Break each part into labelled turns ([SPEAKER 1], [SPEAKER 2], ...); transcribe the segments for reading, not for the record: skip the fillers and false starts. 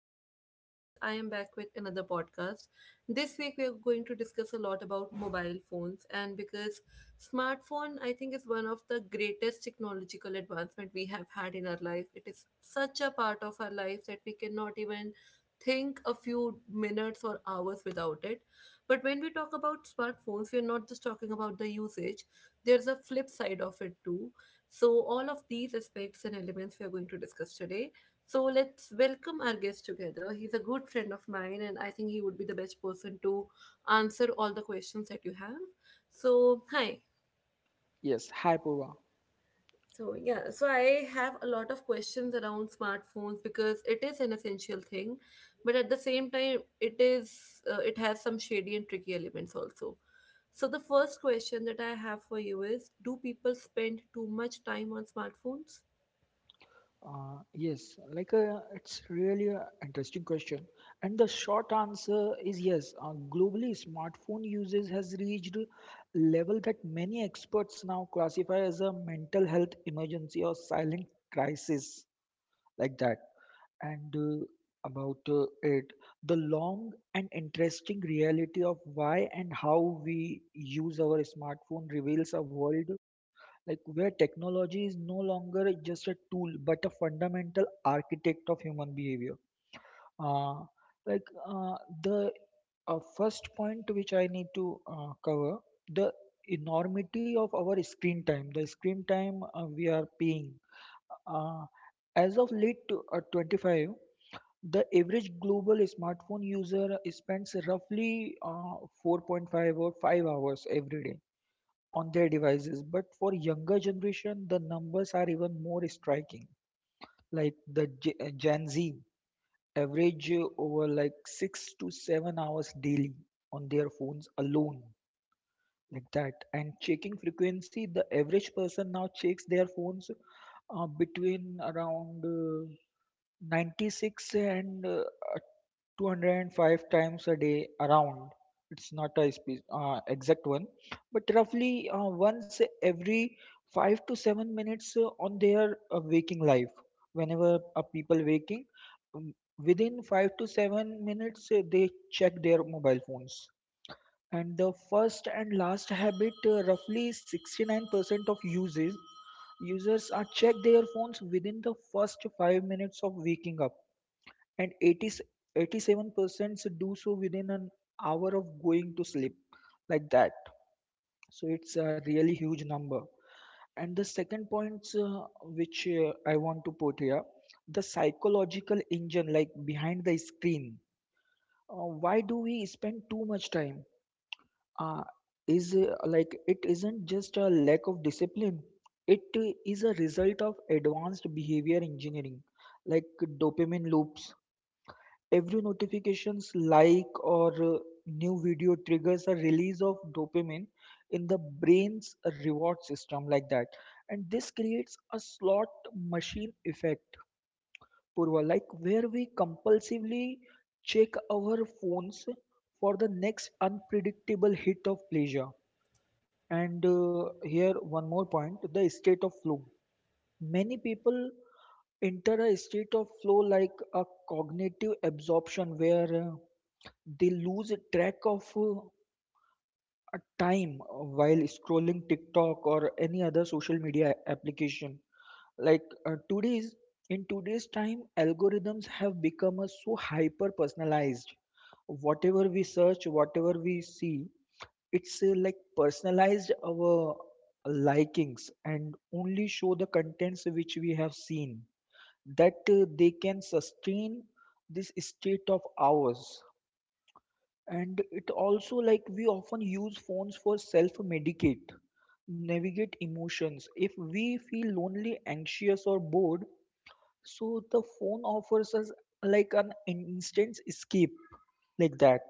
[SPEAKER 1] So, as always, I am back with another podcast. This week, we are going to discuss a lot about mobile phones, and because smartphone, I think, is one of the greatest technological advancement we have had in our life. It is such a part of our life that we cannot even think a few minutes or hours without it. But when we talk about smartphones, we are not just talking about the usage, there's a flip side of it too. So, all of these aspects and elements we are going to discuss today. So, let's welcome our guest together. He's a good friend of mine, and I think he would be the best person to answer all the questions that you have. So, hi,
[SPEAKER 2] Yes, hi Purva.
[SPEAKER 1] so yeah, so I have a lot of questions around smartphones because it is an essential thing, but at the same time, it has some shady and tricky elements also. So the first question that I have for you is: Do people spend too much time on smartphones?
[SPEAKER 2] Yes, it's really an interesting question, and the short answer is yes. Globally, smartphone usage has reached a level that many experts now classify as a mental health emergency or silent crisis, like that. And about uh, it, the long and interesting reality of why and how we use our smartphone reveals a world, like, where technology is no longer just a tool but a fundamental architect of human behavior. uh, like uh, the first point which I need to cover: the enormity of our screen time the screen time we are paying uh, as of late to, 25. The average global smartphone user spends roughly 4.5 or 5 hours every day on their devices. But for younger generation, the numbers are even more striking. Like the Gen Z average over, like, 6 to 7 hours daily on their phones alone, like that. And checking frequency, the average person now checks their phones between around 96 and 205 times a day around. It's not a exact one, but roughly once every 5 to 7 minutes on their waking life. Whenever people waking, um, within 5 to 7 minutes they check their mobile phones. And the first and last habit, roughly 69% of uses users are check their phones within the first 5 minutes of waking up, and eighty, eighty-seven 87% do so within an hour of going to sleep, like that. So it's a really huge number. And the second point, which I want to put here: the psychological engine, like, behind the screen. Why do we spend too much time? Uh, is like It isn't just a lack of discipline, it is a result of advanced behavior engineering, like dopamine loops. Every notifications, like, or new video triggers a release of dopamine in the brain's reward system, like that. And this creates a slot machine effect, Purva, like where we compulsively check our phones for the next unpredictable hit of pleasure. And here one more point: the state of flow. Many people enter a state of flow, like a cognitive absorption, where they lose track of a time while scrolling TikTok or any other social media application. Like today's in today's time, algorithms have become so hyper personalized. Whatever we search, whatever we see, it's, like, personalized our likings and only show the contents which we have seen, that they can sustain this state of ours. And it also, like, we often use phones for self medicate, navigate emotions. If we feel lonely, anxious, or bored, so the phone offers us like an instant escape, like that.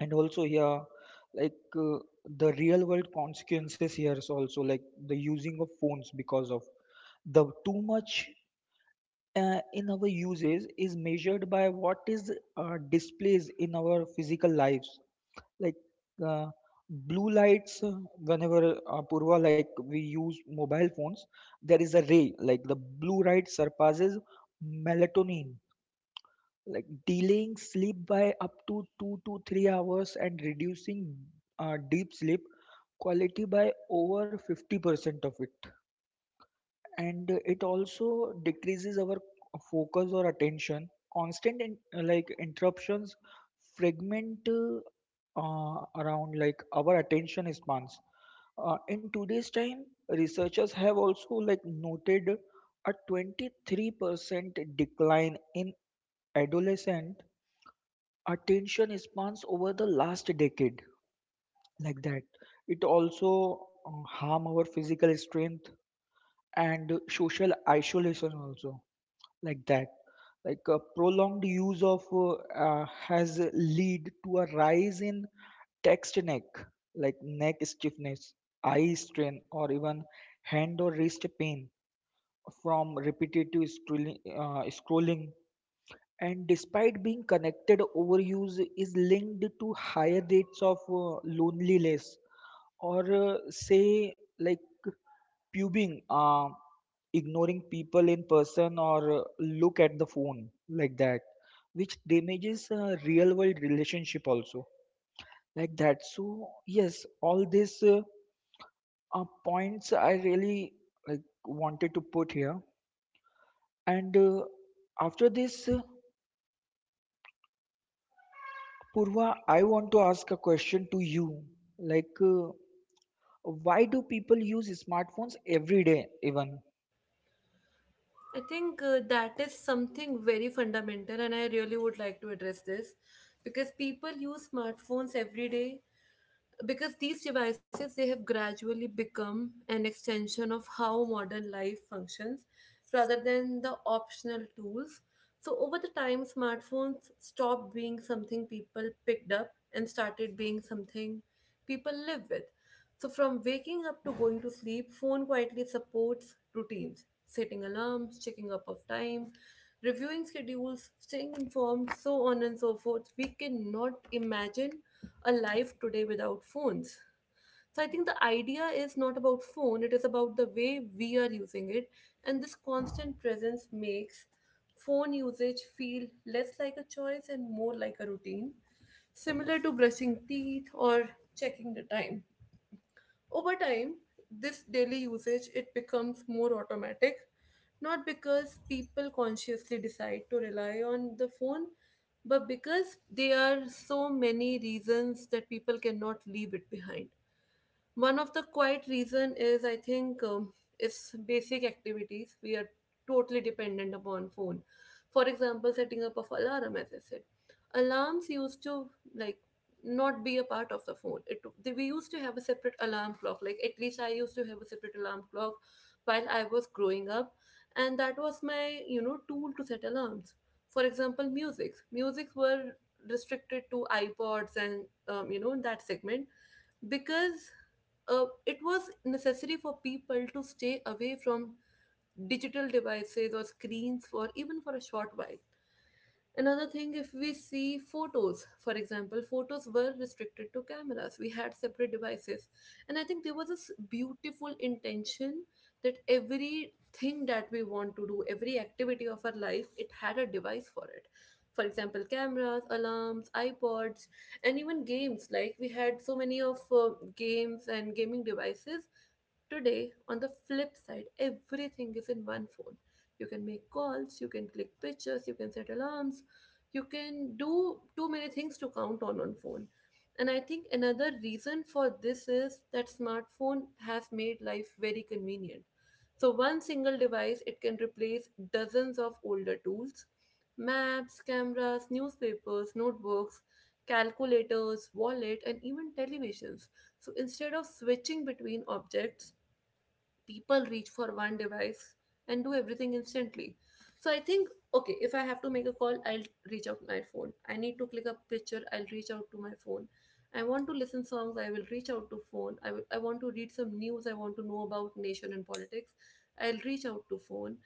[SPEAKER 2] And also, yeah, like uh, the real world consequences here is also, like, the using of phones because of the too much in our uses is measured by what is displays in our physical lives, like. uh, Blue lights. Whenever Purva, like we use mobile phones, there is a ray, like the blue light surpasses melatonin, like delaying sleep by up to 2 to 3 hours and reducing deep sleep quality by over 50% of it. And it also decreases our focus or attention. constant in, like, interruptions fragment around, like, our attention spans in today's time. Researchers have also, like, noted a 23% decline in adolescent attention spans over the last decade, like that. It also harm our physical strength and social isolation also, like that. Like, prolonged use of has lead to a rise in text neck, like neck stiffness, eye strain, or even hand or wrist pain from repetitive scrolling. And despite being connected, overuse is linked to higher rates of loneliness, or say, like, pubing, ignoring people in person or look at the phone, like that, which damages real world relationship also, like that. So yes, all these points I really, like, wanted to put here. And after this, Purva, I want to ask a question to you. Like, uh, why do people use smartphones every day even?
[SPEAKER 1] I think that is something very fundamental, and I really would like to address this because people use smartphones every day because these devices they have gradually become an extension of how modern life functions rather than the optional tools. So over the time, smartphones stopped being something people picked up and started being something people live with. So from waking up to going to sleep, phone quietly supports routines, setting alarms, checking up of time, reviewing schedules, staying informed, so on and so forth. We cannot imagine a life today without phones. So I think the idea is not about phone, it is about the way we are using it. And this constant presence makes phone usage feel less like a choice and more like a routine, similar to brushing teeth or checking the time. Over time, this daily usage it becomes more automatic, not because people consciously decide to rely on the phone, but because there are so many reasons that people cannot leave it behind. One of the quiet reason is I think, it's basic activities we are totally dependent upon phone. For example, setting up of alarm, as I said, alarms used to, like, not be a part of the phone. We used to have a separate alarm clock, like at least I used to have a separate alarm clock while I was growing up, and that was my, you know, tool to set alarms. For example, music's were restricted to iPods and you know, that segment, because it was necessary for people to stay away from digital devices or screens for even for a short while. Another thing, if we see photos, for example, photos were restricted to cameras. We had separate devices. And I think there was this beautiful intention that everything that we want to do, every activity of our life, it had a device for it. For example, cameras, alarms, iPods, and even games. Like we had so many of games and gaming devices. Today, on the flip side, everything is in one phone. You can make calls, you can click pictures, you can set alarms, you can do too many things to count on phone. And I think another reason for this is that smartphone has made life very convenient. So one single device it can replace dozens of older tools, maps, cameras, newspapers, notebooks, calculators, wallet and even televisions. So instead of switching between objects, people reach for one device and do everything instantly. So I think, okay, if I have to make a call, I'll reach out to my phone. I need to click a picture, I'll reach out to my phone. I want to listen songs, I will reach out to phone. I want to read some news, I want to know about nation and politics. I'll reach out to phone.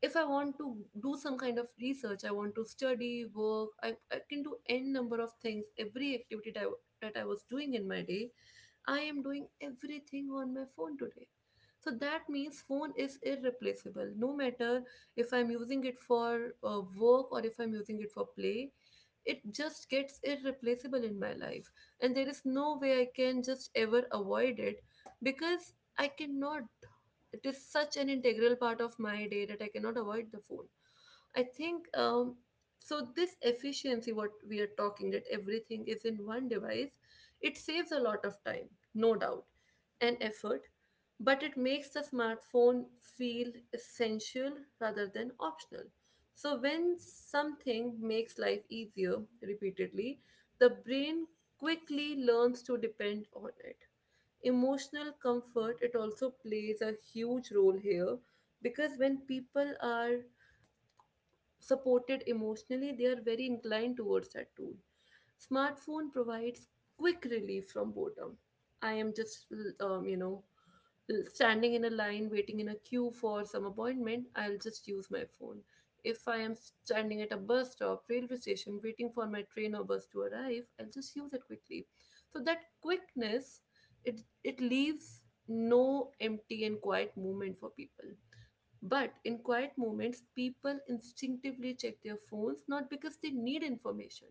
[SPEAKER 1] If I want to do some kind of research, I want to study, work, I can do n number of things, every activity that I was doing in my day, I am doing everything on my phone today. So that means phone is irreplaceable. No matter if I'm using it for work or if I'm using it for play, it just gets irreplaceable in my life. And there is no way I can just ever avoid it, because I cannot. It is such an integral part of my day that I cannot avoid the phone. I think so. This efficiency, what we are talking, that everything is in one device, it saves a lot of time, no doubt, and effort, but it makes the smartphone feel essential rather than optional. So, when something makes life easier repeatedly, the brain quickly learns to depend on it. Emotional comfort it also plays a huge role here, because when people are supported emotionally, they are very inclined towards that tool. Smartphone provides quick relief from boredom. I am just, um, you know, standing in a line, waiting in a queue for some appointment. I'll just use my phone. If I am standing at a bus stop, railway station, waiting for my train or bus to arrive, I'll just use it quickly. So that quickness, it leaves no empty and quiet moment for people. But in quiet moments, people instinctively check their phones not because they need information,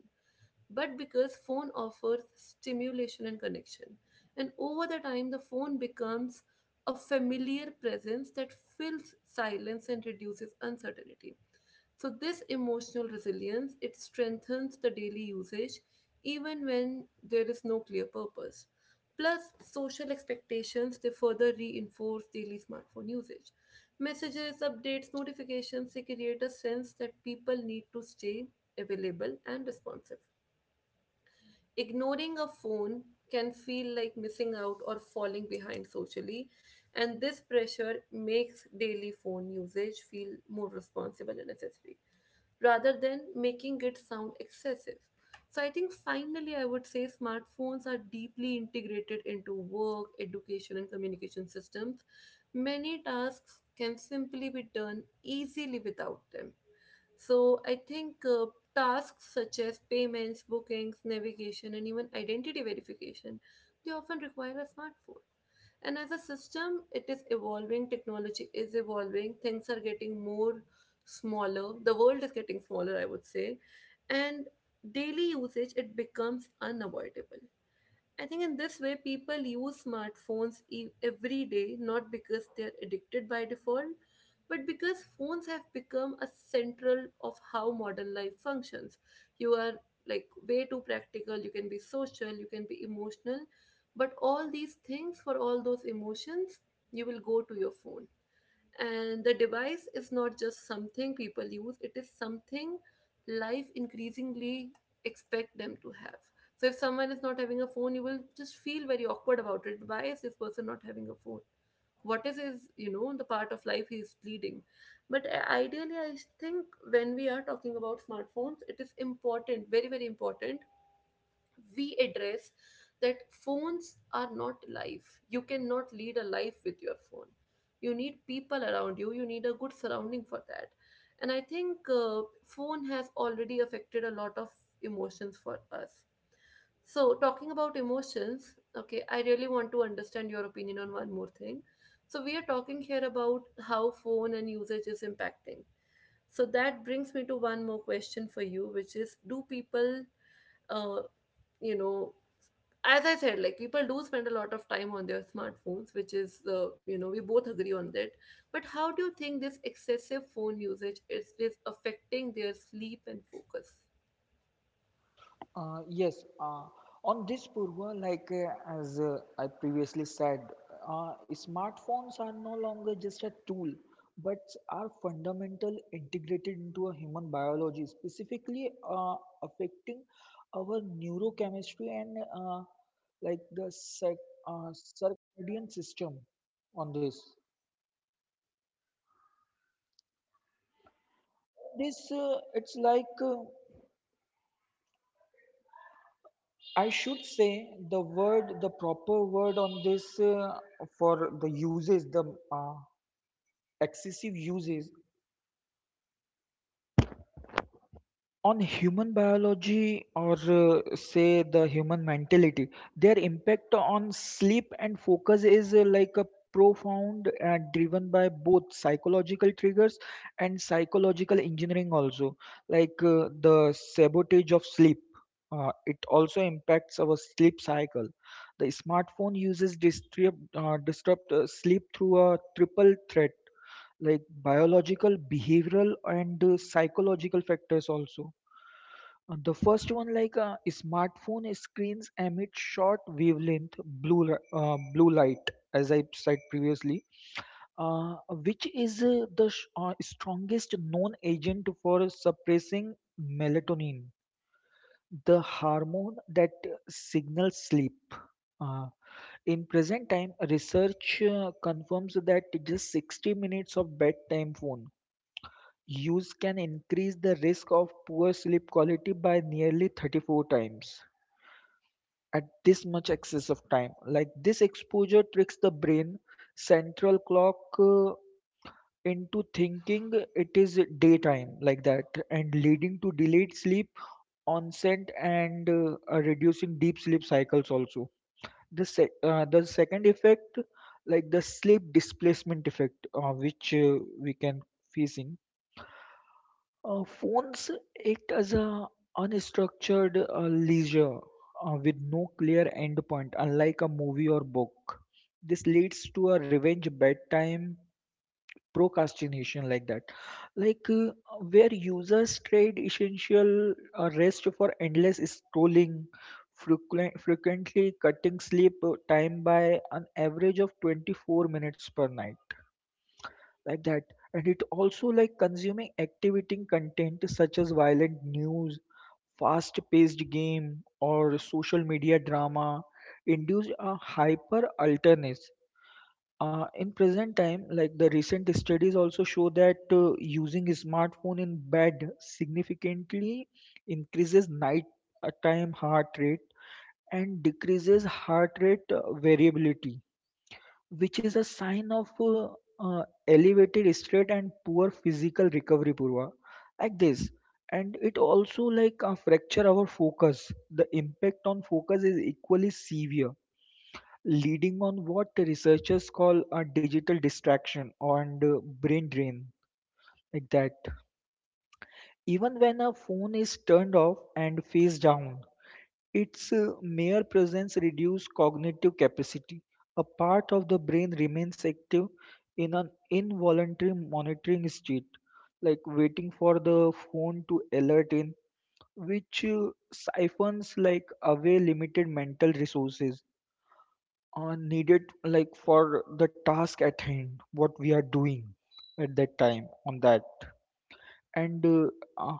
[SPEAKER 1] but because phone offers stimulation and connection. And over the time, the phone becomes a familiar presence that fills silence and reduces uncertainty. So this emotional resilience it strengthens the daily usage even when there is no clear purpose. Plus, social expectations they further reinforce daily smartphone usage. Messages, updates, notifications they create a sense that people need to stay available and responsive. Ignoring a phone can feel like missing out or falling behind socially, and this pressure makes daily phone usage feel more responsible and necessary rather than making it sound excessive. So I think finally I would say smartphones are deeply integrated into work, education and communication systems. Many tasks can simply be done easily without them. So I think tasks such as payments, bookings, navigation, and even identity verification, they often require a smartphone. And as a system, it is evolving, technology is evolving, things are getting more smaller, the world is getting smaller, I would say. And daily usage, it becomes unavoidable. I think in this way, people use smartphones every day, not because they're addicted by default, but because phones have become a central of how modern life functions. You are like way too practical, you can be social, you can be emotional, but all these things for all those emotions, you will go to your phone, and the device is not just something people use, it is something life increasingly expect them to have. So if someone is not having a phone, you will just feel very awkward about it. Why is this person not having a phone? What is his, you know, the part of life he is leading? But ideally I think when we are talking about smartphones, it is important, very very important, we address that phones are not life. You cannot lead a life with your phone. You need people around you. You need a good surrounding for that. And I think phone has already affected a lot of emotions for us. So talking about emotions, okay, I really want to understand your opinion on one more thing. So we are talking here about how phone and usage is impacting. So that brings me to one more question for you, which is do people uh, you know, as I said, like people do spend a lot of time on their smartphones, which is, you know, we both agree on that, but how do you think this excessive phone usage is affecting their sleep and focus?
[SPEAKER 2] Yes, on this, Purva, as I previously said, smartphones are no longer just a tool, but are fundamental integrated into a human biology, specifically affecting our neurochemistry and like the circadian system on this. This, it's like I should say the proper word on this for the uh, excessive uses on human biology, or say, the human mentality. Their impact on sleep and focus is like a profound and driven by both psychological triggers and psychological engineering also. Like, the sabotage of sleep. It also impacts our sleep cycle. The smartphone uses disrupt sleep through a triple threat, like biological, behavioral, and psychological factors also. The first one, smartphone screens emit short wavelength blue light, as I said previously, uh, which is the strongest known agent for suppressing melatonin, the hormone that signals sleep. Uh, in present time, research confirms that just 60 minutes of bedtime phone use can increase the risk of poor sleep quality by nearly 34 times. At this much excess of time. Like this exposure tricks the brain central clock into thinking it is daytime, like that, and leading to delayed sleep onset and reducing deep sleep cycles also. The second effect, like the sleep displacement effect, which we can facing. Phones act as a unstructured leisure with no clear endpoint, unlike a movie or book. This leads to a revenge bedtime procrastination, like that, like uh, where users trade essential rest for endless scrolling, frequently cutting sleep time by an average of 24 minutes per night, like that. And it also, like, consuming activating content such as violent news, fast paced game, or social media drama induce a hyper alertness. In present time, like the recent studies also show that using smartphone in bed significantly increases night time heart rate and decreases heart rate variability, which is a sign of elevated stress and poor physical recovery, Purva, like this. And it also, fracture our focus. The impact on focus is equally severe, leading on what researchers call a digital distraction and brain drain, like that. Even when a phone is turned off and face down, its mere presence reduces cognitive capacity. A part of the brain remains active in an involuntary monitoring state, like waiting for the phone to alert in, which siphons, like, away limited mental resources needed, like, for the task at hand, what we are doing at that time on that. And uh,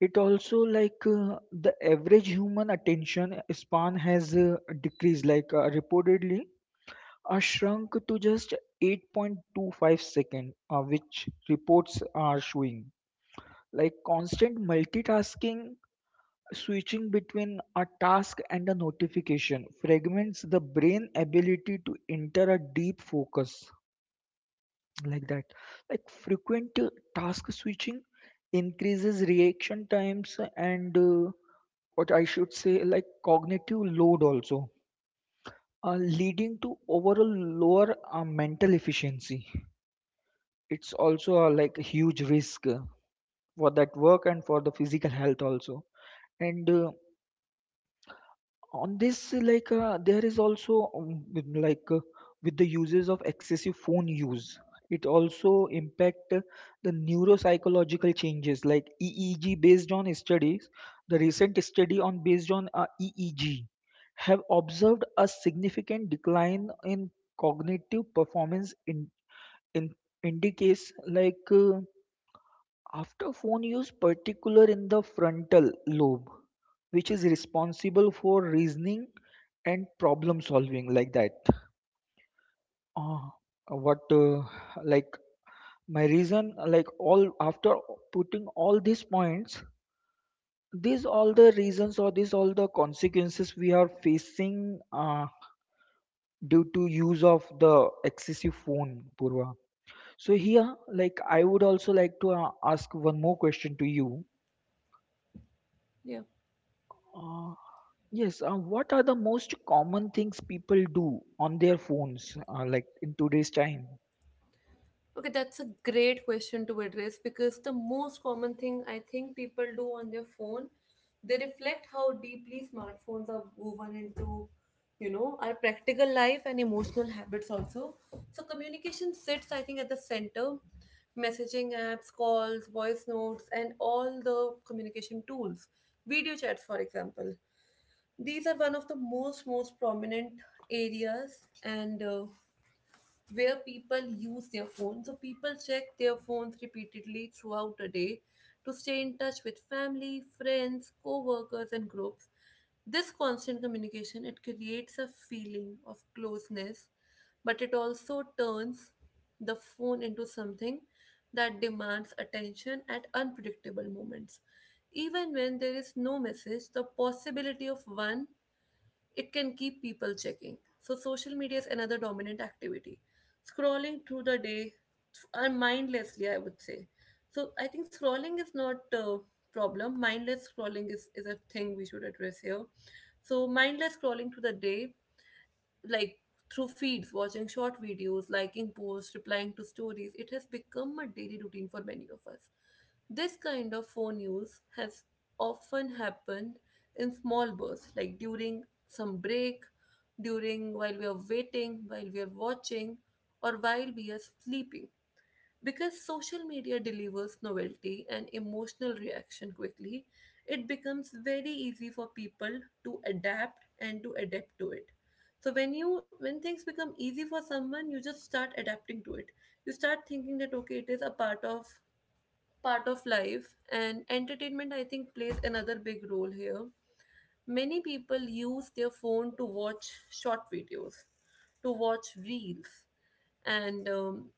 [SPEAKER 2] it also, the average human attention span has decreased, reportedly shrunk to just 8.25 second, which reports are showing. Like constant multitasking, switching between a task and a notification, fragments the brain ability to enter a deep focus, like that. Like frequent task switching increases reaction times and, what I should say, like cognitive load also, leading to overall lower mental efficiency. It's also a, like, a huge risk for that work and for the physical health also. And on this, there is also, with the uses of excessive phone use, it also impact the neuropsychological changes like EEG based on studies. The recent study on based on EEG have observed a significant decline in cognitive performance, in indicates, after phone use, particular in the frontal lobe, which is responsible for reasoning and problem solving, like that. Uh, what like My reason, like, all after putting all these points, these all the reasons or these all the consequences we are facing due to use of the excessive phone, Purva. So here, like, I would also like to ask one more question to you.
[SPEAKER 1] Yeah.
[SPEAKER 2] uh, Yes, what are the most common things people do on their phones, like in today's time?
[SPEAKER 1] Okay, that's a great question to address, because the most common thing I think people do on their phone, they reflect how deeply smartphones are woven into, you know, our practical life and emotional habits also. So communication sits, I think, at the center. Messaging apps, calls, voice notes, and all the communication tools. Video chats, for example. These are one of the most prominent areas, and where people use their phones. So people check their phones repeatedly throughout the day to stay in touch with family, friends, co-workers and groups. This constant communication it creates a feeling of closeness, but it also turns the phone into something that demands attention at unpredictable moments. Even when there is no message, the possibility of one it can keep people checking. So, social media is another dominant activity. Scrolling through the day mindlessly, I would say. So, I think scrolling is not a problem. Mindless scrolling is a thing we should address here. So, mindless scrolling through the day, like through feeds, watching short videos, liking posts, replying to stories, it has become a daily routine for many of us. This kind of phone use has often happened in small bursts, like during some break, during while we are waiting, while we are watching, or while we are sleeping. Because social media delivers novelty and emotional reaction quickly, it becomes very easy for people to adapt and to adapt to it. So when you, when things become easy for someone, you just start adapting to it. You start thinking that okay, it is a part of life and entertainment I think plays another big role here. Many people use their phone to watch short videos, to watch reels, and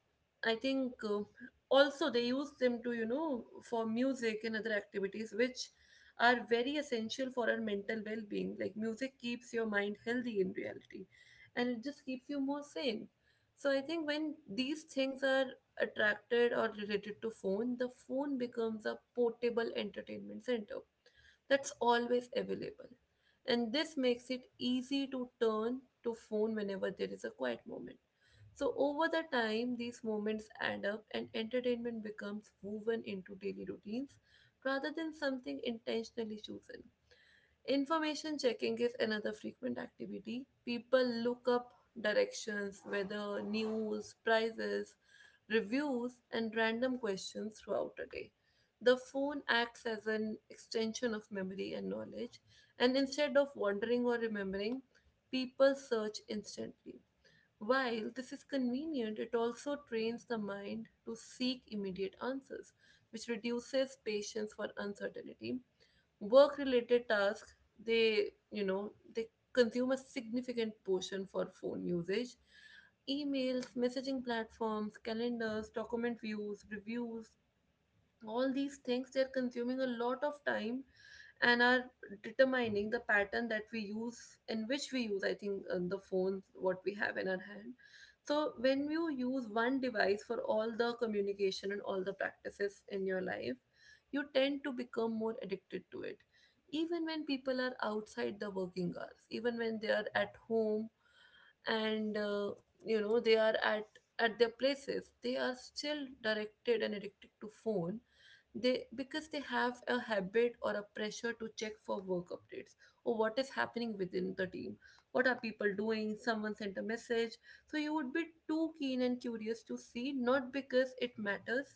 [SPEAKER 1] I think also they use them to, you know, for music and other activities, which are very essential for our mental well being. Like, music keeps your mind healthy in reality and it just keeps you more sane. So I think when these things are attracted or related to phone, the phone becomes a portable entertainment center that's always available. And this makes it easy to turn to phone whenever there is a quiet moment. So over the time, these moments add up and entertainment becomes woven into daily routines rather than something intentionally chosen. Information checking is another frequent activity. People look up directions, weather, news, prices, reviews, and random questions throughout a day. The phone acts as an extension of memory and knowledge, and instead of wondering or remembering, people search instantly. While this is convenient, it also trains the mind to seek immediate answers, which reduces patience for uncertainty. Work related tasks, they you know they consume a significant portion for phone usage. Emails, messaging platforms, calendars, document views, reviews, all these things they're consuming a lot of time, and are determining the pattern that we use, in which we use, I think, the phones what we have in our hand. So when you use one device for all the communication and all the practices in your life, you tend to become more addicted to it. Even when people are outside the working hours, even when they are at home and, you know, they are at their places, they are still directed and addicted to phone. They, because they have a habit or a pressure to check for work updates or what is happening within the team, what are people doing, someone sent a message, so you would be too keen and curious to see. Not because it matters,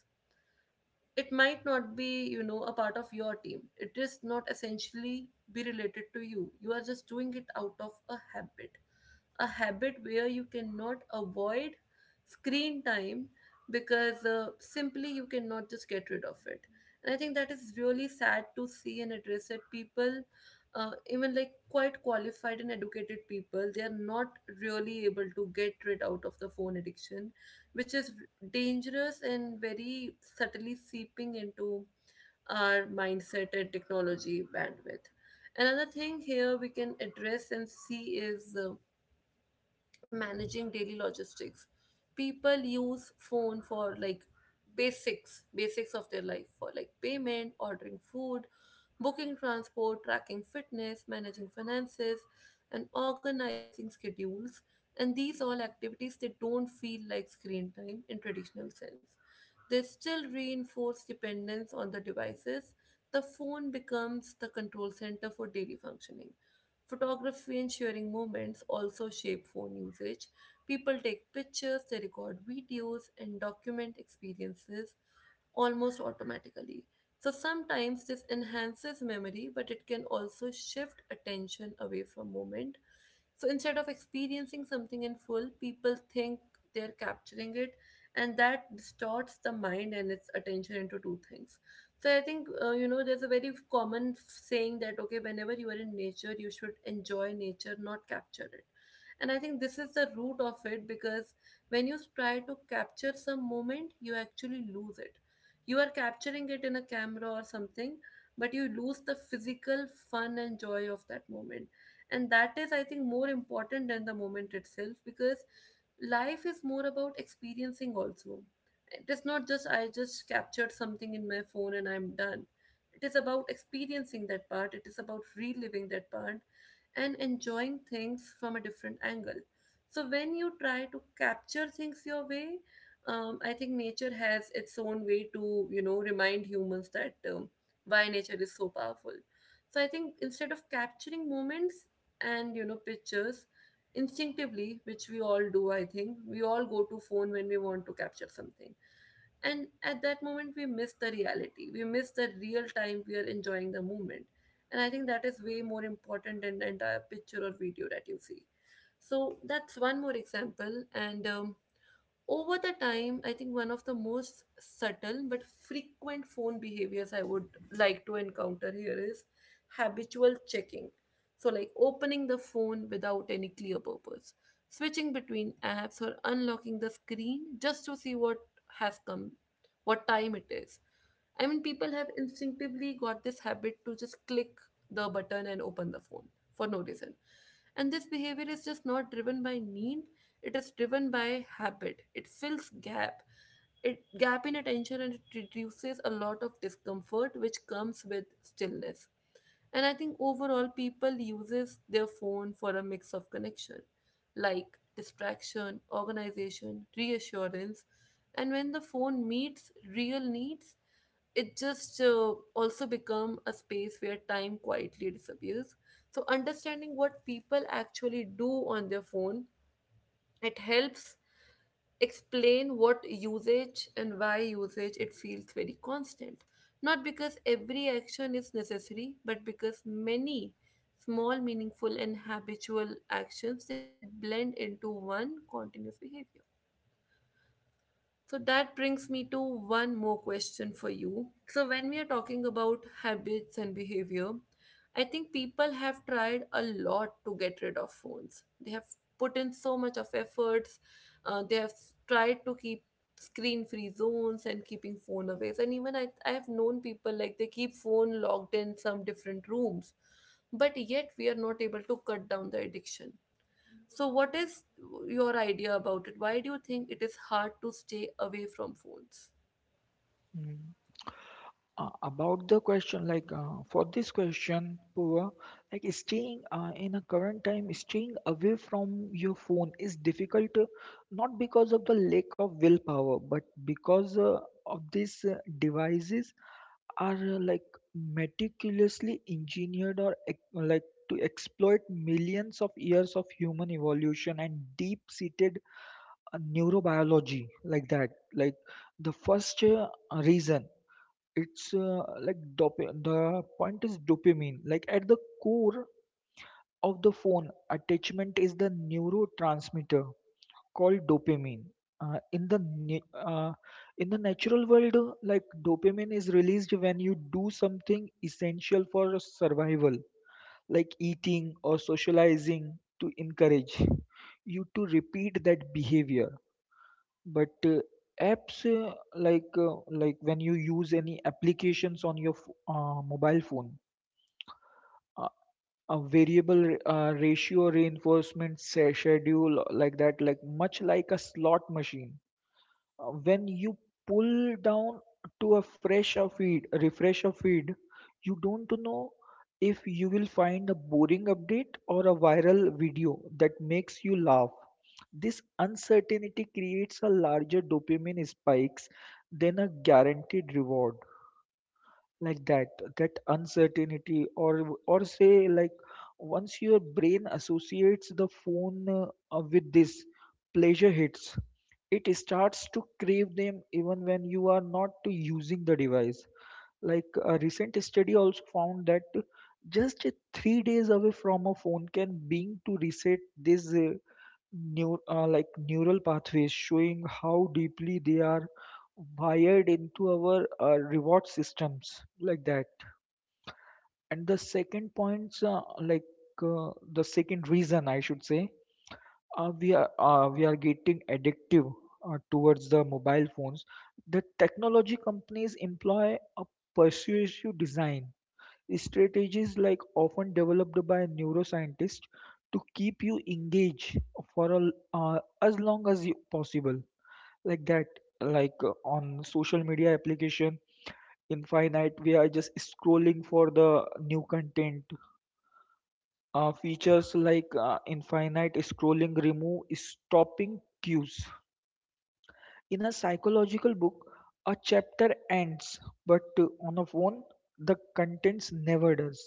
[SPEAKER 1] it might not be, you know, a part of your team, it is not essentially be related to you, you are just doing it out of a habit. A habit where you cannot avoid screen time, because simply you cannot just get rid of it. And I think that is really sad to see and address it. People, even like quite qualified and educated people, they are not really able to get rid out of the phone addiction, which is dangerous and very subtly seeping into our mindset and technology bandwidth. Another thing here we can address and see is, managing daily logistics. People use phone for like basics of their life, for like payment, ordering food, booking transport, tracking fitness, managing finances, and organizing schedules. And these all activities, they don't feel like screen time in traditional sense, they still reinforce dependence on the devices. The phone becomes the control center for daily functioning. Photography and sharing moments also shape phone usage. People take pictures, they record videos, and document experiences almost automatically. So sometimes this enhances memory, but it can also shift attention away from moment. So instead of experiencing something in full, people think they're capturing it, and that distorts the mind and its attention into two things. So I think, you know, there's a very common saying that okay, whenever you are in nature, you should enjoy nature, not capture it. And I think this is the root of it, because when you try to capture some moment, you actually lose it. You are capturing it in a camera or something, but you lose the physical fun and joy of that moment, and that is, I think, more important than the moment itself. Because life is more about experiencing also, it is not just I just captured something in my phone and I'm done. It is about experiencing that part, it is about reliving that part and enjoying things from a different angle. So when you try to capture things your way, I think nature has its own way to, you know, remind humans that, why nature is so powerful. So I think instead of capturing moments and, you know, pictures instinctively, which we all do, I think we all go to phone when we want to capture something, and at that moment we miss the reality, we miss the real time we are enjoying the moment. And I think that is way more important than the entire picture or video that you see. So that's one more example. And over the time, I think one of the most subtle but frequent phone behaviors I would like to encounter here is habitual checking. So, like opening the phone without any clear purpose, switching between apps, or unlocking the screen just to see what has come, what time it is. I mean, people have instinctively got this habit to just click the button and open the phone for no reason. And this behavior is just not driven by need, it is driven by habit. It fills gap. It gap in attention and it reduces a lot of discomfort which comes with stillness. And I think overall people uses their phone for a mix of connection, like distraction, organization, reassurance. And when the phone meets real needs, it just also become a space where time quietly disappears. So understanding what people actually do on their phone, it helps explain what usage and why usage it feels very constant. Not because every action is necessary, but because many small, meaningful and habitual actions, they blend into one continuous behavior. So that brings me to one more question for you. So, when we are talking about habits and behavior, I think people have tried a lot to get rid of phones. They have put in so much of efforts. They have tried to keep screen-free zones and keeping phone away. And even I have known people like they keep phone locked in some different rooms, but yet we are not able to cut down the addiction. So, what is your idea about it? Why do you think it is hard to stay away from phones?
[SPEAKER 2] Mm. About the question, for this question, Pooja, like staying in a current time, staying away from your phone is difficult, not because of the lack of willpower, but because of these devices are like meticulously engineered, or to exploit millions of years of human evolution and deep-seated neurobiology, like that. Like the first reason, the point is dopamine. Like at the core of the phone, attachment is the neurotransmitter called dopamine. Uh, in the na- uh, in the natural world, like dopamine is released when you do something essential for survival, like eating or socializing, to encourage you to repeat that behavior. But apps like Like when you use any applications on your mobile phone, uh, a ratio reinforcement schedule like that, like much like a slot machine. When you pull down to a fresher feed, a refresher feed, you don't know if you will find a boring update or a viral video that makes you laugh. This uncertainty creates a larger dopamine spikes than a guaranteed reward like that, that uncertainty, or say, once your brain associates the phone with this pleasure hits, it starts to crave them even when you are not using the device. Like a recent study also found that just 3 days away from a phone can being to reset this neural pathways, showing how deeply they are wired into our reward systems, like that. And the second points, like The second reason, I should say, we are getting addictive towards the mobile phones. The technology companies employ a persuasive design strategies, like often developed by neuroscientists to keep you engaged for a, as long as you, possible. Like that, on social media application, infinite we are just scrolling for the new content. Features like infinite scrolling remove stopping cues. In a psychological book, a chapter ends, but on a phone, the contents never does.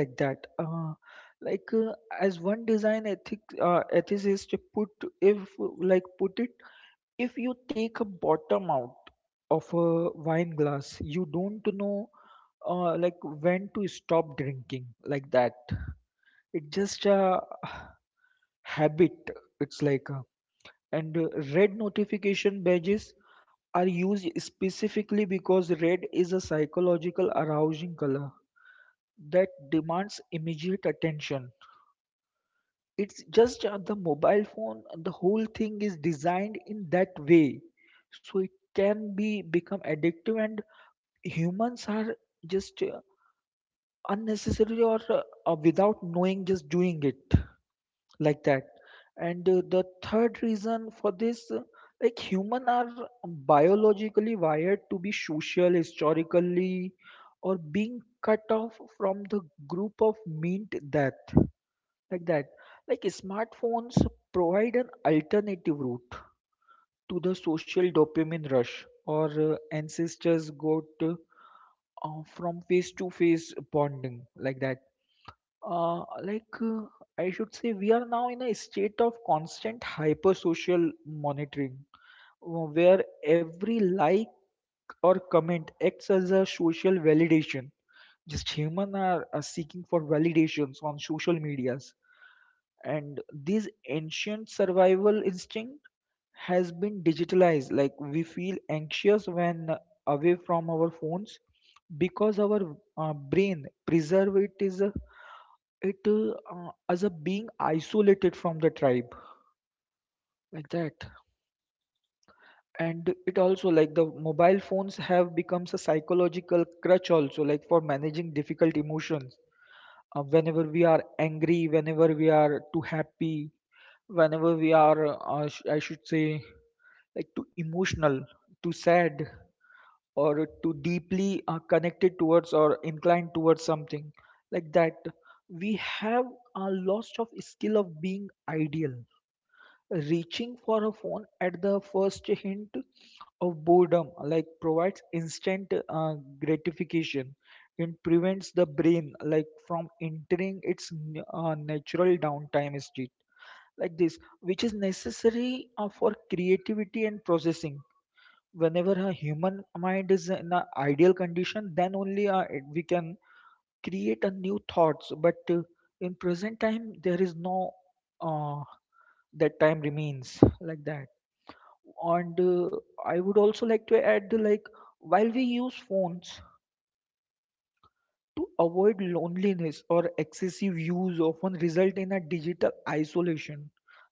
[SPEAKER 2] Like that. Like uh, as one design ethic ethicist put, if put it, if you take a bottom out of a wine glass, you don't know uh, like when to stop drinking. Like that. It's just a habit. It's like. And Red notification badges are used specifically because red is a psychological arousing color that demands immediate attention. It's just The mobile phone, the whole thing is designed in that way, so it can be become addictive, and humans are just unnecessarily or without knowing just doing it, like that. And the third reason for this, like human are biologically wired to be social historically, or being cut off from the group of meant death, like that. Like smartphones provide an alternative route to the social dopamine rush or ancestors got from face to face bonding, like that. uh, like uh, I should say, we are now in a state of constant hyper-social monitoring, where every like or comment acts as a social validation. Just humans are seeking for validations on social medias, and this ancient survival instinct has been digitalized. Like we feel anxious when away from our phones because our brain preserve it is. It as a being isolated from the tribe, like that. And it also like the mobile phones have becomes a psychological crutch also like for managing difficult emotions. Whenever we are angry, whenever we are too happy, whenever we are sh- I should say like too emotional, too sad, or too deeply connected towards or inclined towards something, like that, we have a loss of skill of being ideal. Reaching for a phone at the first hint of boredom like provides instant gratification and prevents the brain like from entering its natural downtime state like this, which is necessary for creativity and processing. Whenever a human mind is in an ideal condition, then only we can create a new thoughts, but in present time there is no uh, that time remains, like that. And I would also like to add, like while we use phones to avoid loneliness, or excessive use often result in a digital isolation,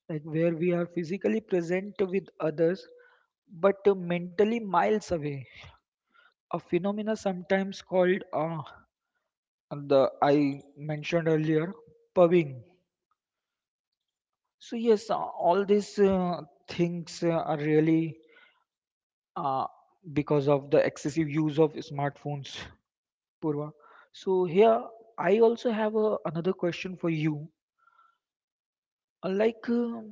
[SPEAKER 2] like where we are physically present with others but mentally miles away, a phenomena sometimes called the I mentioned earlier, pubbing. So yes, all these things are really uh, because of the excessive use of smartphones, Purva. So here I also have a, another question for you. Like,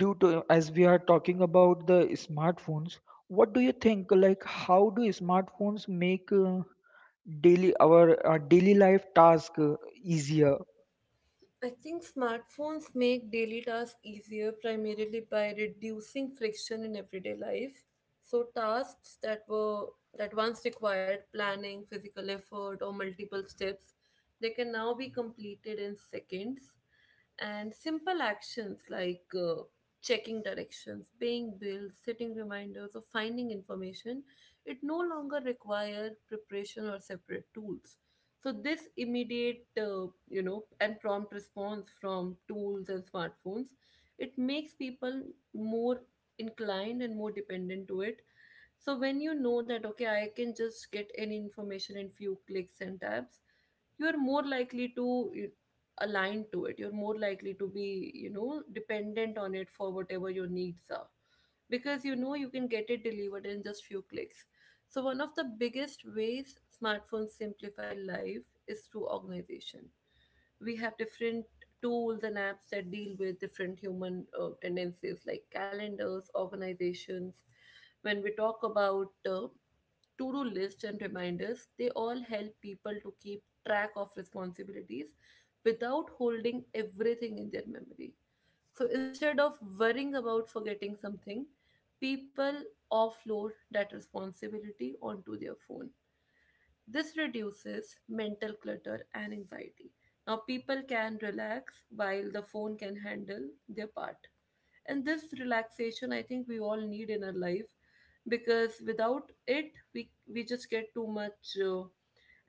[SPEAKER 2] due to as we are talking about the smartphones, what do you think? Like how do smartphones make daily our daily life task easier?
[SPEAKER 1] I think smartphones make daily tasks easier primarily by reducing friction in everyday life. So tasks that were that once required planning, physical effort, or multiple steps, they can now be completed in seconds. And simple actions like checking directions, paying bills, setting reminders, or finding information, it no longer require preparation or separate tools. So this immediate, you know, and prompt response from tools and smartphones, it makes people more inclined and more dependent to it. So when you know that okay, I can just get any information in few clicks and tabs, you are more likely to align to it. You're more likely to be, you know, dependent on it for whatever your needs are. Because you know you can get it delivered in just few clicks. So one of the biggest ways smartphones simplify life is through organization. We have different tools and apps that deal with different human tendencies like calendars, organizations. When we talk about to do lists and reminders, they all help people to keep track of responsibilities without holding everything in their memory. So instead of worrying about forgetting something, people offload that responsibility onto their phone. This reduces mental clutter and anxiety. Now, people can relax while the phone can handle their part. And this relaxation, I think we all need in our life, because without it, we just get too much.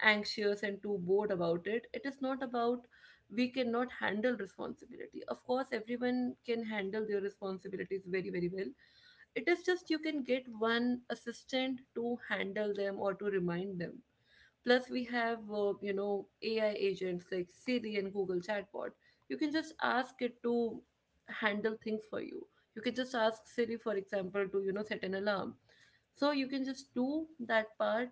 [SPEAKER 1] Anxious and too bored about it. It is not about we cannot handle responsibility. Of course, everyone can handle their responsibilities very, very well. It is just you can get one assistant to handle them or to remind them. Plus, we have, you know, AI agents like Siri and Google Chatbot. You can just ask it to handle things for you. You can just ask Siri, for example, to, you know, set an alarm. So you can just do that part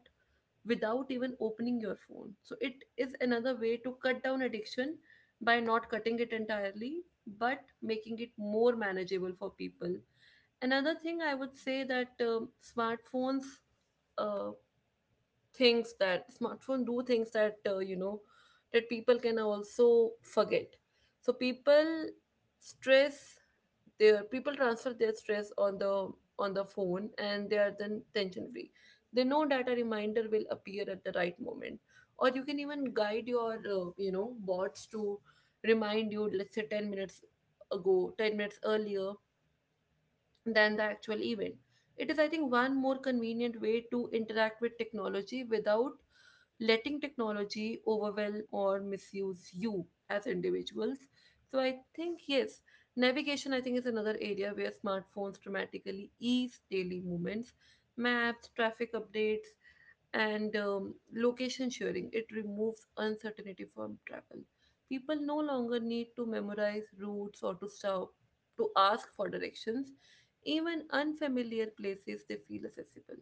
[SPEAKER 1] without even opening your phone. So it is another way to cut down addiction by not cutting it entirely, but making it more manageable for people. Another thing I would say that smartphones uh, things that smartphone do, things that that people can also forget. So people stress their people transfer their stress on the phone and they are then tension free. They know that a reminder will appear at the right moment, or you can even guide your bots to remind you, let's say 10 minutes earlier than the actual event. It is, I think, one more convenient way to interact with technology without letting technology overwhelm or misuse you as individuals. So I think, yes, navigation, I think, is another area where smartphones dramatically ease daily movements, maps, traffic updates, and location sharing. It removes uncertainty from travel. People no longer need to memorize routes or to stop to ask for directions. Even unfamiliar places, they feel accessible.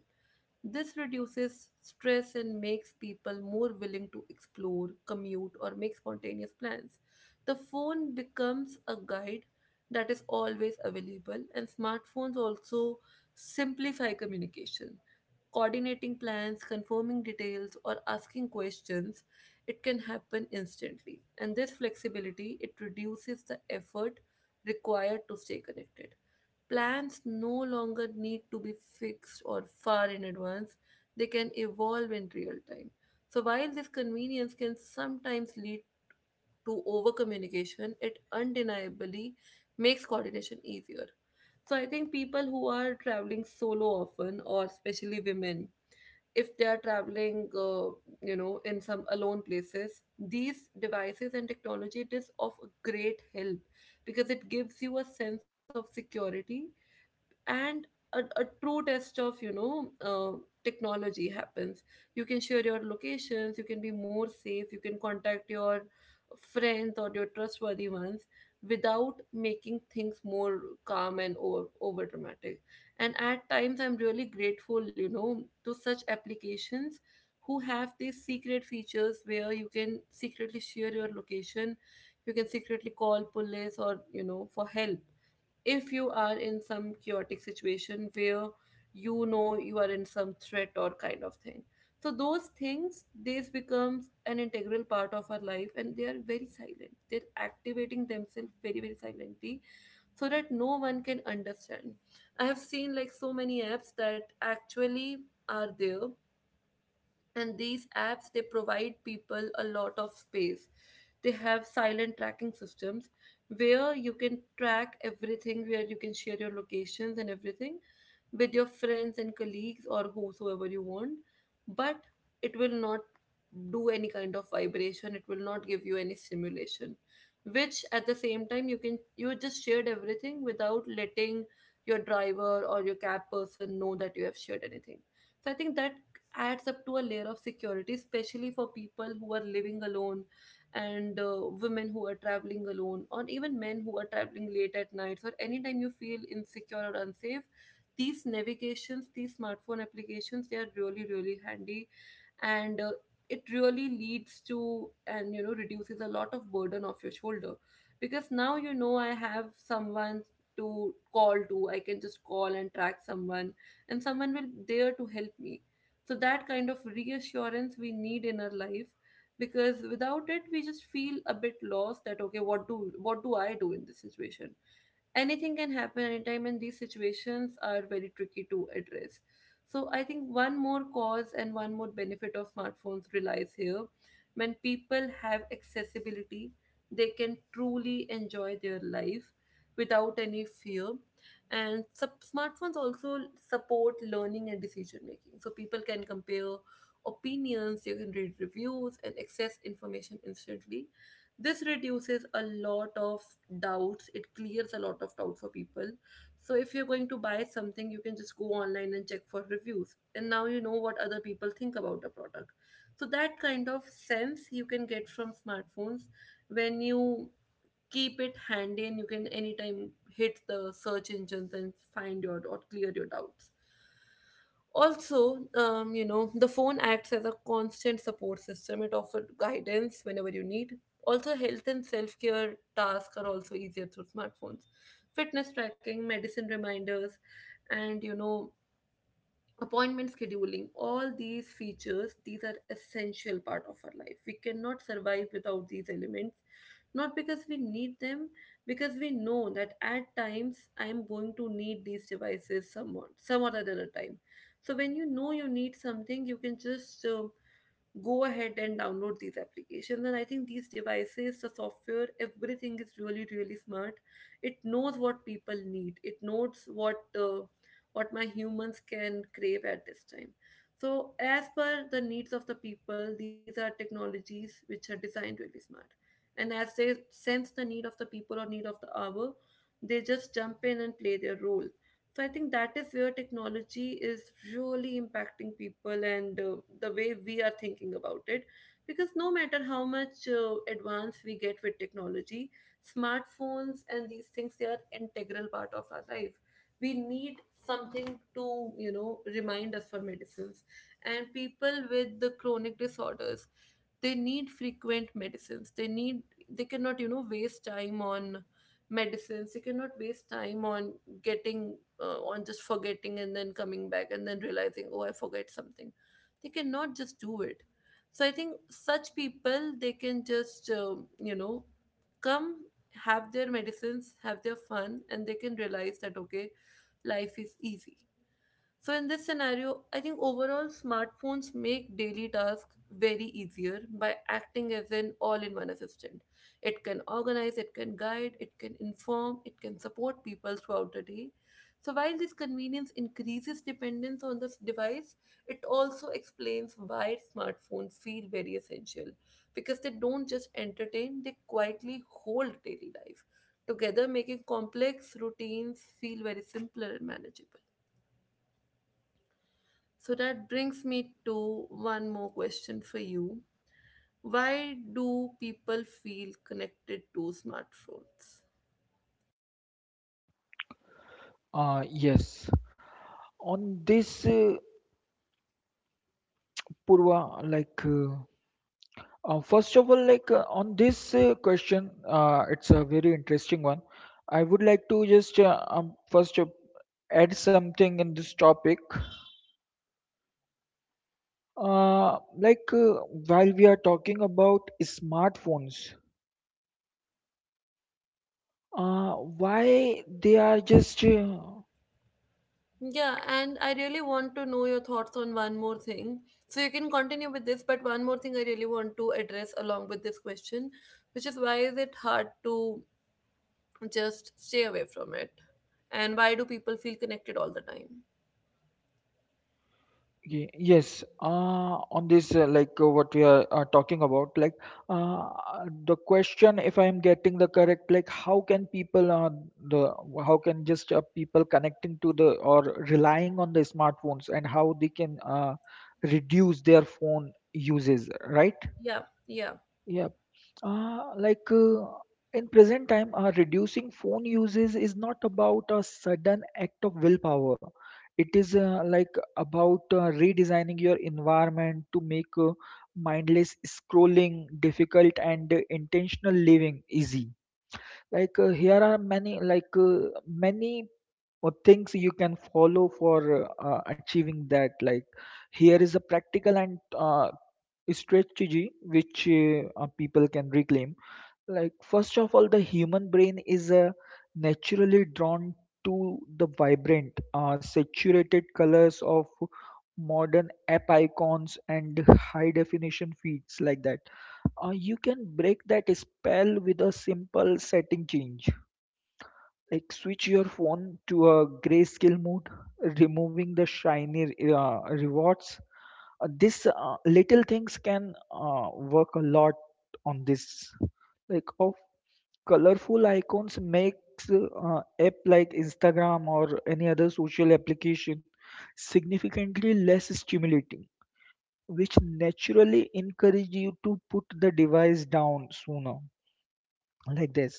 [SPEAKER 1] This reduces stress and makes people more willing to explore, commute, or make spontaneous plans. The phone becomes a guide that is always available, and smartphones also simplify communication, coordinating plans, confirming details, or asking questions, it can happen instantly. And this flexibility, it reduces the effort required to stay connected. Plans no longer need to be fixed or far in advance, they can evolve in real time. So, while this convenience can sometimes lead to over communication, it undeniably makes coordination easier. So, I think people who are traveling solo often, or especially women, if they are traveling, in some alone places, these devices and technology, it is of great help because it gives you a sense of security, and a true test of technology happens. You can share your locations, you can be more safe, you can contact your friends or your trustworthy ones without making things more calm and over dramatic. And at times I'm really grateful, you know, to such applications who have these secret features where you can secretly share your location, you can secretly call police or, you know, for help if you are in some chaotic situation where, you know, you are in some threat or kind of thing. So those things, these becomes an integral part of our life, and they are very silent, they're activating themselves very, very silently so that no one can understand. I have seen like so many apps that actually are there, and these apps, they provide people a lot of space. They have silent tracking systems where you can track everything, where you can share your locations and everything with your friends and colleagues or whosoever you want. But it will not do any kind of vibration, it will not give you any stimulation, which at the same time you just shared everything without letting your driver or your cab person know that you have shared anything. So I think that adds up to a layer of security, especially for people who are living alone, and women who are traveling alone, or even men who are traveling late at nights, or anytime you feel insecure or unsafe. These navigations, these smartphone applications, they are really, really handy, and it really leads to, and reduces a lot of burden off your shoulder, because now, you know, I have someone to call to. I can just call and track someone, and someone will there to help me. So that kind of reassurance we need in our life, because without it we just feel a bit lost that okay, what do I do in this situation. Anything can happen anytime, and these situations are very tricky to address. So I think one more cause and one more benefit of smartphones relies here. When people have accessibility, they can truly enjoy their life without any fear. And smartphones also support learning and decision making. So people can compare opinions, you can read reviews, and access information instantly. This reduces a lot of doubts, it clears a lot of doubt for people. So if you're going to buy something, you can just go online and check for reviews, and now you know what other people think about the product. So that kind of sense you can get from smartphones when you keep it handy, and you can anytime hit the search engines and find your or clear your doubts. Also, the phone acts as a constant support system. It offers guidance whenever you need. Also, health and self care tasks are also easier through smartphones. Fitness tracking, medicine reminders, and appointment scheduling, all these features, these are essential part of our life. We cannot survive without these elements, not because we need them, because we know that at times I am going to need these devices, some other than time. So when you know you need something, you can just go ahead and download these applications. And I think these devices, the software, everything is really, really smart. It knows what people need, it knows what my humans can crave at this time. So as per the needs of the people, these are technologies which are designed really smart, and as they sense the need of the people or need of the hour, they just jump in and play their role. So I think that is where technology is really impacting people, and the way we are thinking about it. Because no matter how much advance we get with technology, smartphones and these things, they are integral part of our life. We need something to, you know, remind us for medicines, and people with the chronic disorders, they need frequent medicines. They need, they cannot, you know, waste time on medicines. They cannot waste time on getting on just forgetting and then coming back and then realizing oh I forget something. They cannot just do it. So I think such people, they can just come, have their medicines, have their fun, and they can realize that okay, life is easy. So, in this scenario, I think overall smartphones make daily tasks very easier by acting as an all in one assistant. It can organize, it can guide, it can inform, it can support people throughout the day. So, while this convenience increases dependence on this device, it also explains why smartphones feel very essential, because they don't just entertain, they quietly hold daily life together, making complex routines feel very simpler and manageable. So that brings me to one more question for you. Why do people feel connected to smartphones?
[SPEAKER 2] Yes. On this, Purva, like, first of all, like on this question, it's a very interesting one. I would like to just first add something in this topic. Uh, like uh, while we are talking about smartphones, why they are just
[SPEAKER 1] Yeah, and I really want to know your thoughts on one more thing. So you can continue with this, but one more thing I really want to address along with this question, which is why is it hard to just stay away from it? And why do people feel connected all the time?
[SPEAKER 2] Yes, on this, what we are talking about, like uh, the question, if I am getting the correct, like how can people, the how can just people connecting to the or relying on the smartphones, and how they can reduce their phone uses, right?
[SPEAKER 1] Yeah, yeah.
[SPEAKER 2] Yeah. Uh, like uh, in present time, reducing phone uses is not about a sudden act of willpower. It is about redesigning your environment to make mindless scrolling difficult and intentional living easy. Here are many many things you can follow for achieving that. Like here is a practical and strategy which people can reclaim. Like, first of all, the human brain is naturally drawn to the vibrant, saturated colors of modern app icons and high definition feeds, like that. You can break that spell with a simple setting change. Like switch your phone to a grayscale mode, removing the shiny rewards. This little things can work a lot on this, like of colorful icons makes app like Instagram or any other social application significantly less stimulating, which naturally encourage you to put the device down sooner, like this.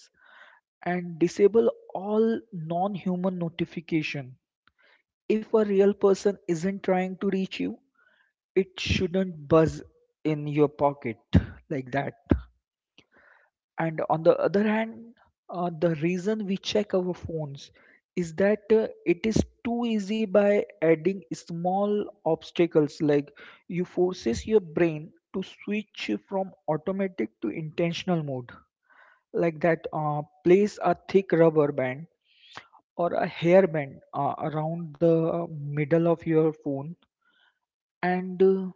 [SPEAKER 2] And disable all non-human notification. If a real person isn't trying to reach you, it shouldn't buzz in your pocket, like that. And on the other hand, the reason we check our phones is that it is too easy. By adding small obstacles, like you forces your brain to switch from automatic to intentional mode, like that. Place a thick rubber band or a hairband around the middle of your phone, and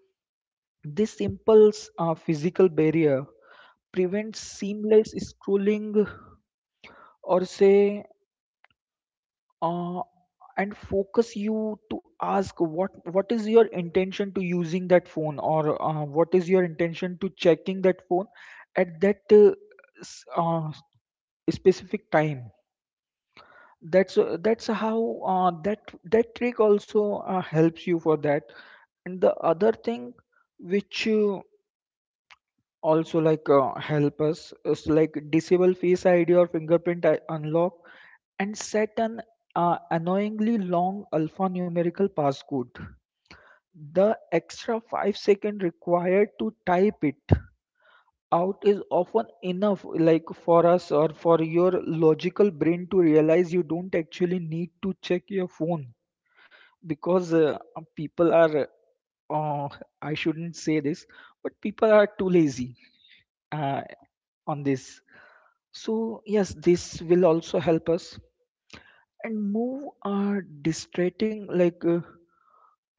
[SPEAKER 2] this simple physical barrier prevent seamless scrolling, or say, uh, and focus you to ask what is your intention to using that phone, or what is your intention to checking that phone at that s- uh, specific time. That's how that trick also helps you for that. And the other thing which also like help us is like disable face id or fingerprint unlock and set an annoyingly long alphanumerical passcode. The extra 5 seconds required to type it out is often enough, like for us or for your logical brain to realize you don't actually need to check your phone, because people are uh, I shouldn't say this, but people are too lazy uh, on this. So yes, this will also help us. And move our distracting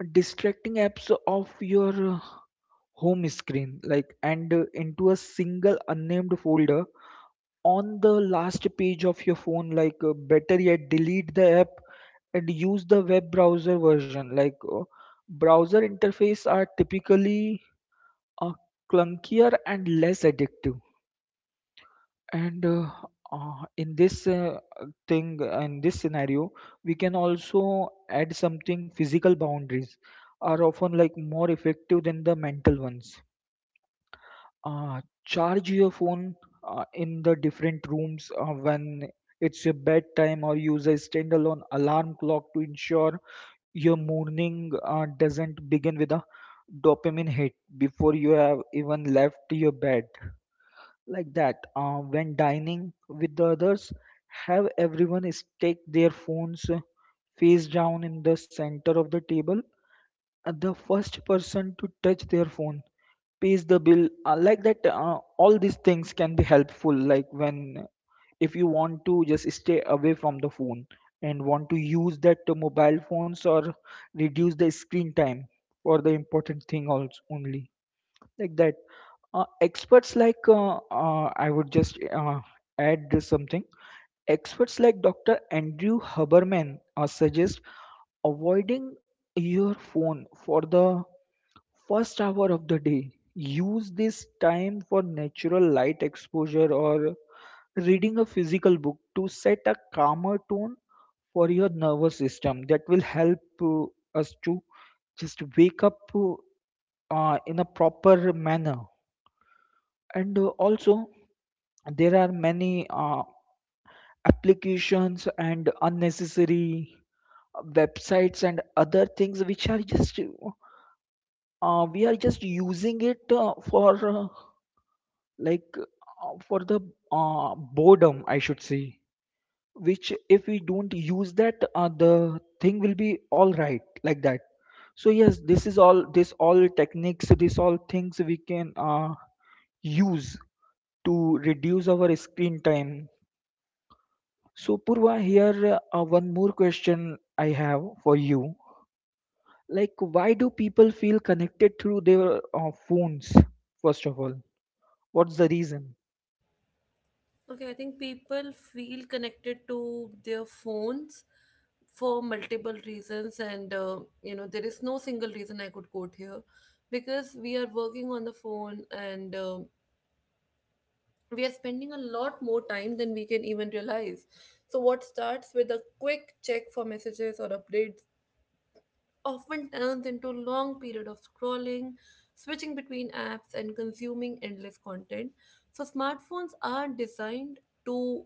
[SPEAKER 2] distracting apps off your home screen, and into a single unnamed folder on the last page of your phone. Better yet, delete the app and use the web browser version. Browser interface are typically uh, clunkier and less addictive. And uh, uh, in this uh, thing in this scenario, we can also add something. Physical boundaries are often like more effective than the mental ones. Charge your phone in the different rooms when it's your bedtime, or use a standalone alarm clock to ensure your morning doesn't begin with a dopamine hit before you have even left your bed, like that. When dining with the others, have everyone stick their phones face down in the center of the table. The first person to touch their phone pays the bill, like that. All these things can be helpful, like when if you want to just stay away from the phone and want to use that mobile phones or reduce the screen time for the important thing also only, like that. Experts like I would just add something. Experts like Dr. Andrew Huberman suggest avoiding your phone for the first hour of the day. Use this time for natural light exposure or reading a physical book to set a calmer tone for your nervous system. That will help us to just wake up in a proper manner. And also, there are many applications and unnecessary websites and other things which are just we are just using it for the boredom, I should say, which if we don't use that, the thing will be all right, like that. So yes, this is all, this all techniques, this all things we can use to reduce our screen time. So, Purva, here one more question I have for you. Like, why do people feel connected through their phones, first of all? What's the reason?
[SPEAKER 1] Okay, I think people feel connected to their phones for multiple reasons, and there is no single reason I could quote here, because we are working on the phone, and we are spending a lot more time than we can even realize. So, what starts with a quick check for messages or updates often turns into a long period of scrolling, switching between apps and consuming endless content. So smartphones are designed to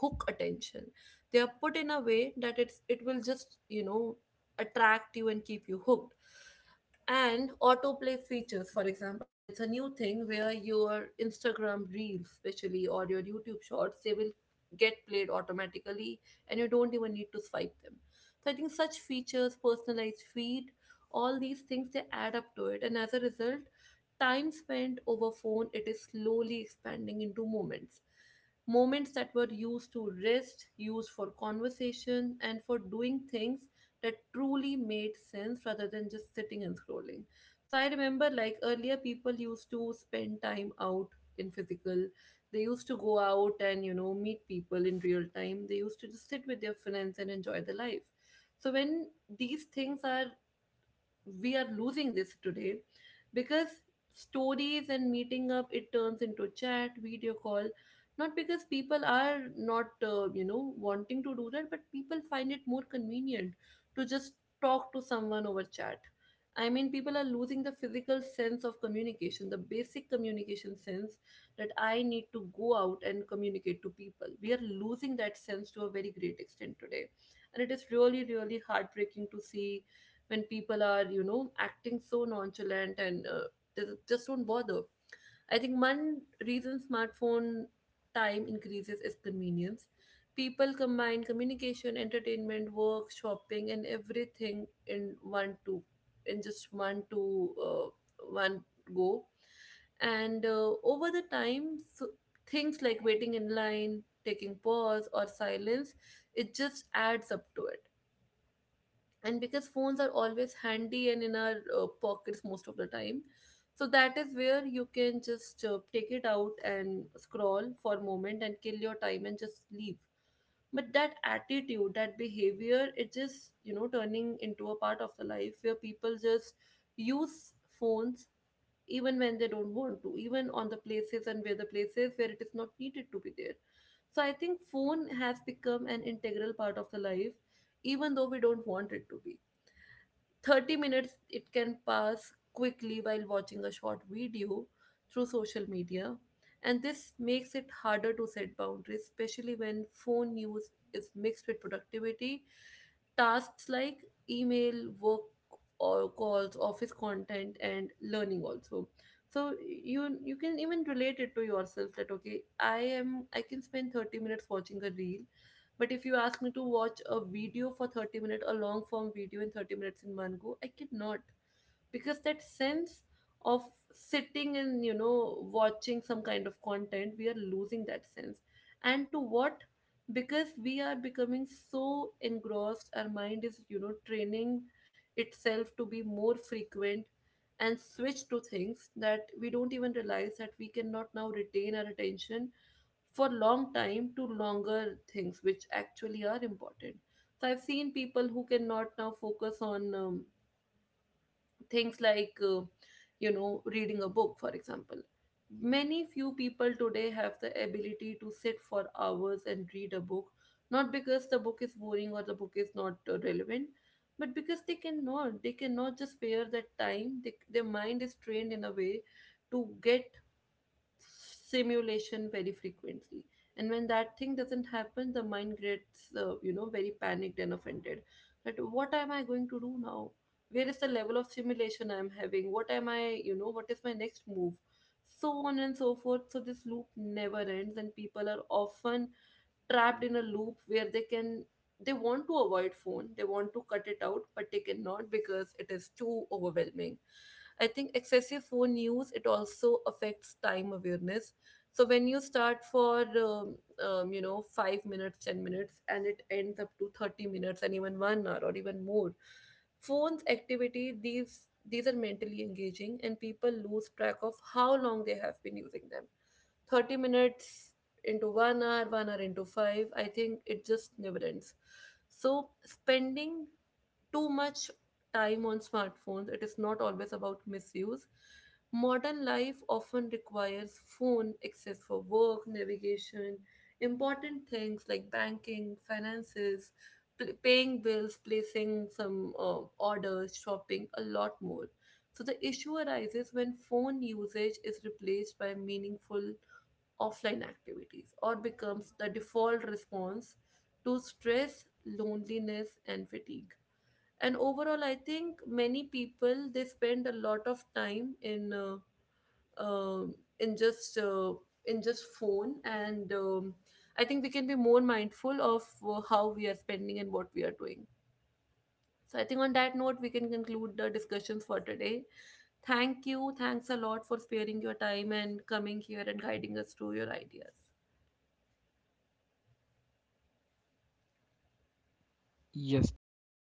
[SPEAKER 1] hook attention. They are put in a way that it will just, you know, attract you and keep you hooked. And autoplay features, for example, it's a new thing where your Instagram reels especially or your YouTube shorts, they will get played automatically, and you don't even need to swipe them. So I think such features, personalized feed, all these things, they add up to it. And as a result, time spent over phone, it is slowly expanding into moments, moments that were used to rest, used for conversation and for doing things that truly made sense rather than just sitting and scrolling. So I remember, like, earlier people used to spend time out in physical. They used to go out and, you know, meet people in real time. They used to just sit with their friends and enjoy the life. So when these things are we are losing this today because stories and meeting up, it turns into chat, video call. Not because people are not you know, wanting to do that, but people find it more convenient to just talk to someone over chat. I mean, people are losing the physical sense of communication, the basic communication sense that I need to go out and communicate to people. We are losing that sense to a very great extent today, and it is really, really heartbreaking to see when people are, you know, acting so nonchalant and they just don't bother. I think one reason smartphone time increases is convenience. People combine communication, entertainment, work, shopping, and everything in one to, in just one to one go, and over the time. So things like waiting in line, taking pause or silence, it just adds up to it. And because phones are always handy and in our pockets most of the time, so that is where you can just take it out and scroll for a moment and kill your time and just leave. But that attitude, that behavior, it just, you know, turning into a part of the life where people just use phones even when they don't want to, even on the places and where the places where it is not needed to be there. So I think phone has become an integral part of the life, even though we don't want it to be. 30 minutes, it can pass quickly while watching a short video through social media, and this makes it harder to set boundaries, especially when phone use is mixed with productivity tasks like email, work, or calls, office content, and learning also. So you can even relate it to yourself that okay, I can spend 30 minutes watching a reel, but if you ask me to watch a video for 30 minutes, a long form video in 30 minutes in one go, I cannot. Because that sense of sitting and, you know, watching some kind of content, we are losing that sense. And to what? Because we are becoming so engrossed, our mind is, you know, training itself to be more frequent and switch to things that we don't even realize that we cannot now retain our attention for long time to longer things which actually are important. So I've seen people who cannot now focus on things like you know, reading a book for example. Many few people today have the ability to sit for hours and read a book, not because the book is boring or the book is not relevant, but because they cannot just spare that time. They, their mind is trained in a way to get simulation very frequently, and when that thing doesn't happen, the mind gets you know, very panicked and offended that what am I going to do now, where is the level of simulation I'm having, what am I, you know, what is my next move, so on and so forth. So this loop never ends, and people are often trapped in a loop where they want to avoid phone, they want to cut it out, but they cannot because it is too overwhelming. I think excessive phone use, it also affects time awareness. So when you start for you know, 5 minutes, 10 minutes, and it ends up to 30 minutes, and even 1 hour or even more, phones activity, these are mentally engaging, and people lose track of how long they have been using them. 30 minutes into 1 hour, 1 hour into five. I think it just never ends. So spending too much time on smartphones, it is not always about misuse. Modern life often requires phone access for work, navigation, important things like banking, finances, paying bills, placing some orders, shopping, a lot more. So the issue arises when phone usage is replaced by meaningful offline activities or becomes the default response to stress, loneliness, and fatigue. And overall, I think many people, they spend a lot of time um in just uh, in just phone, and I think we can be more mindful of how we are spending and what we are doing. So I think on that note, we can conclude the discussions for today. Thank you. Thanks a lot for sparing your time and coming here and guiding us through your ideas.
[SPEAKER 2] Yes, thank you.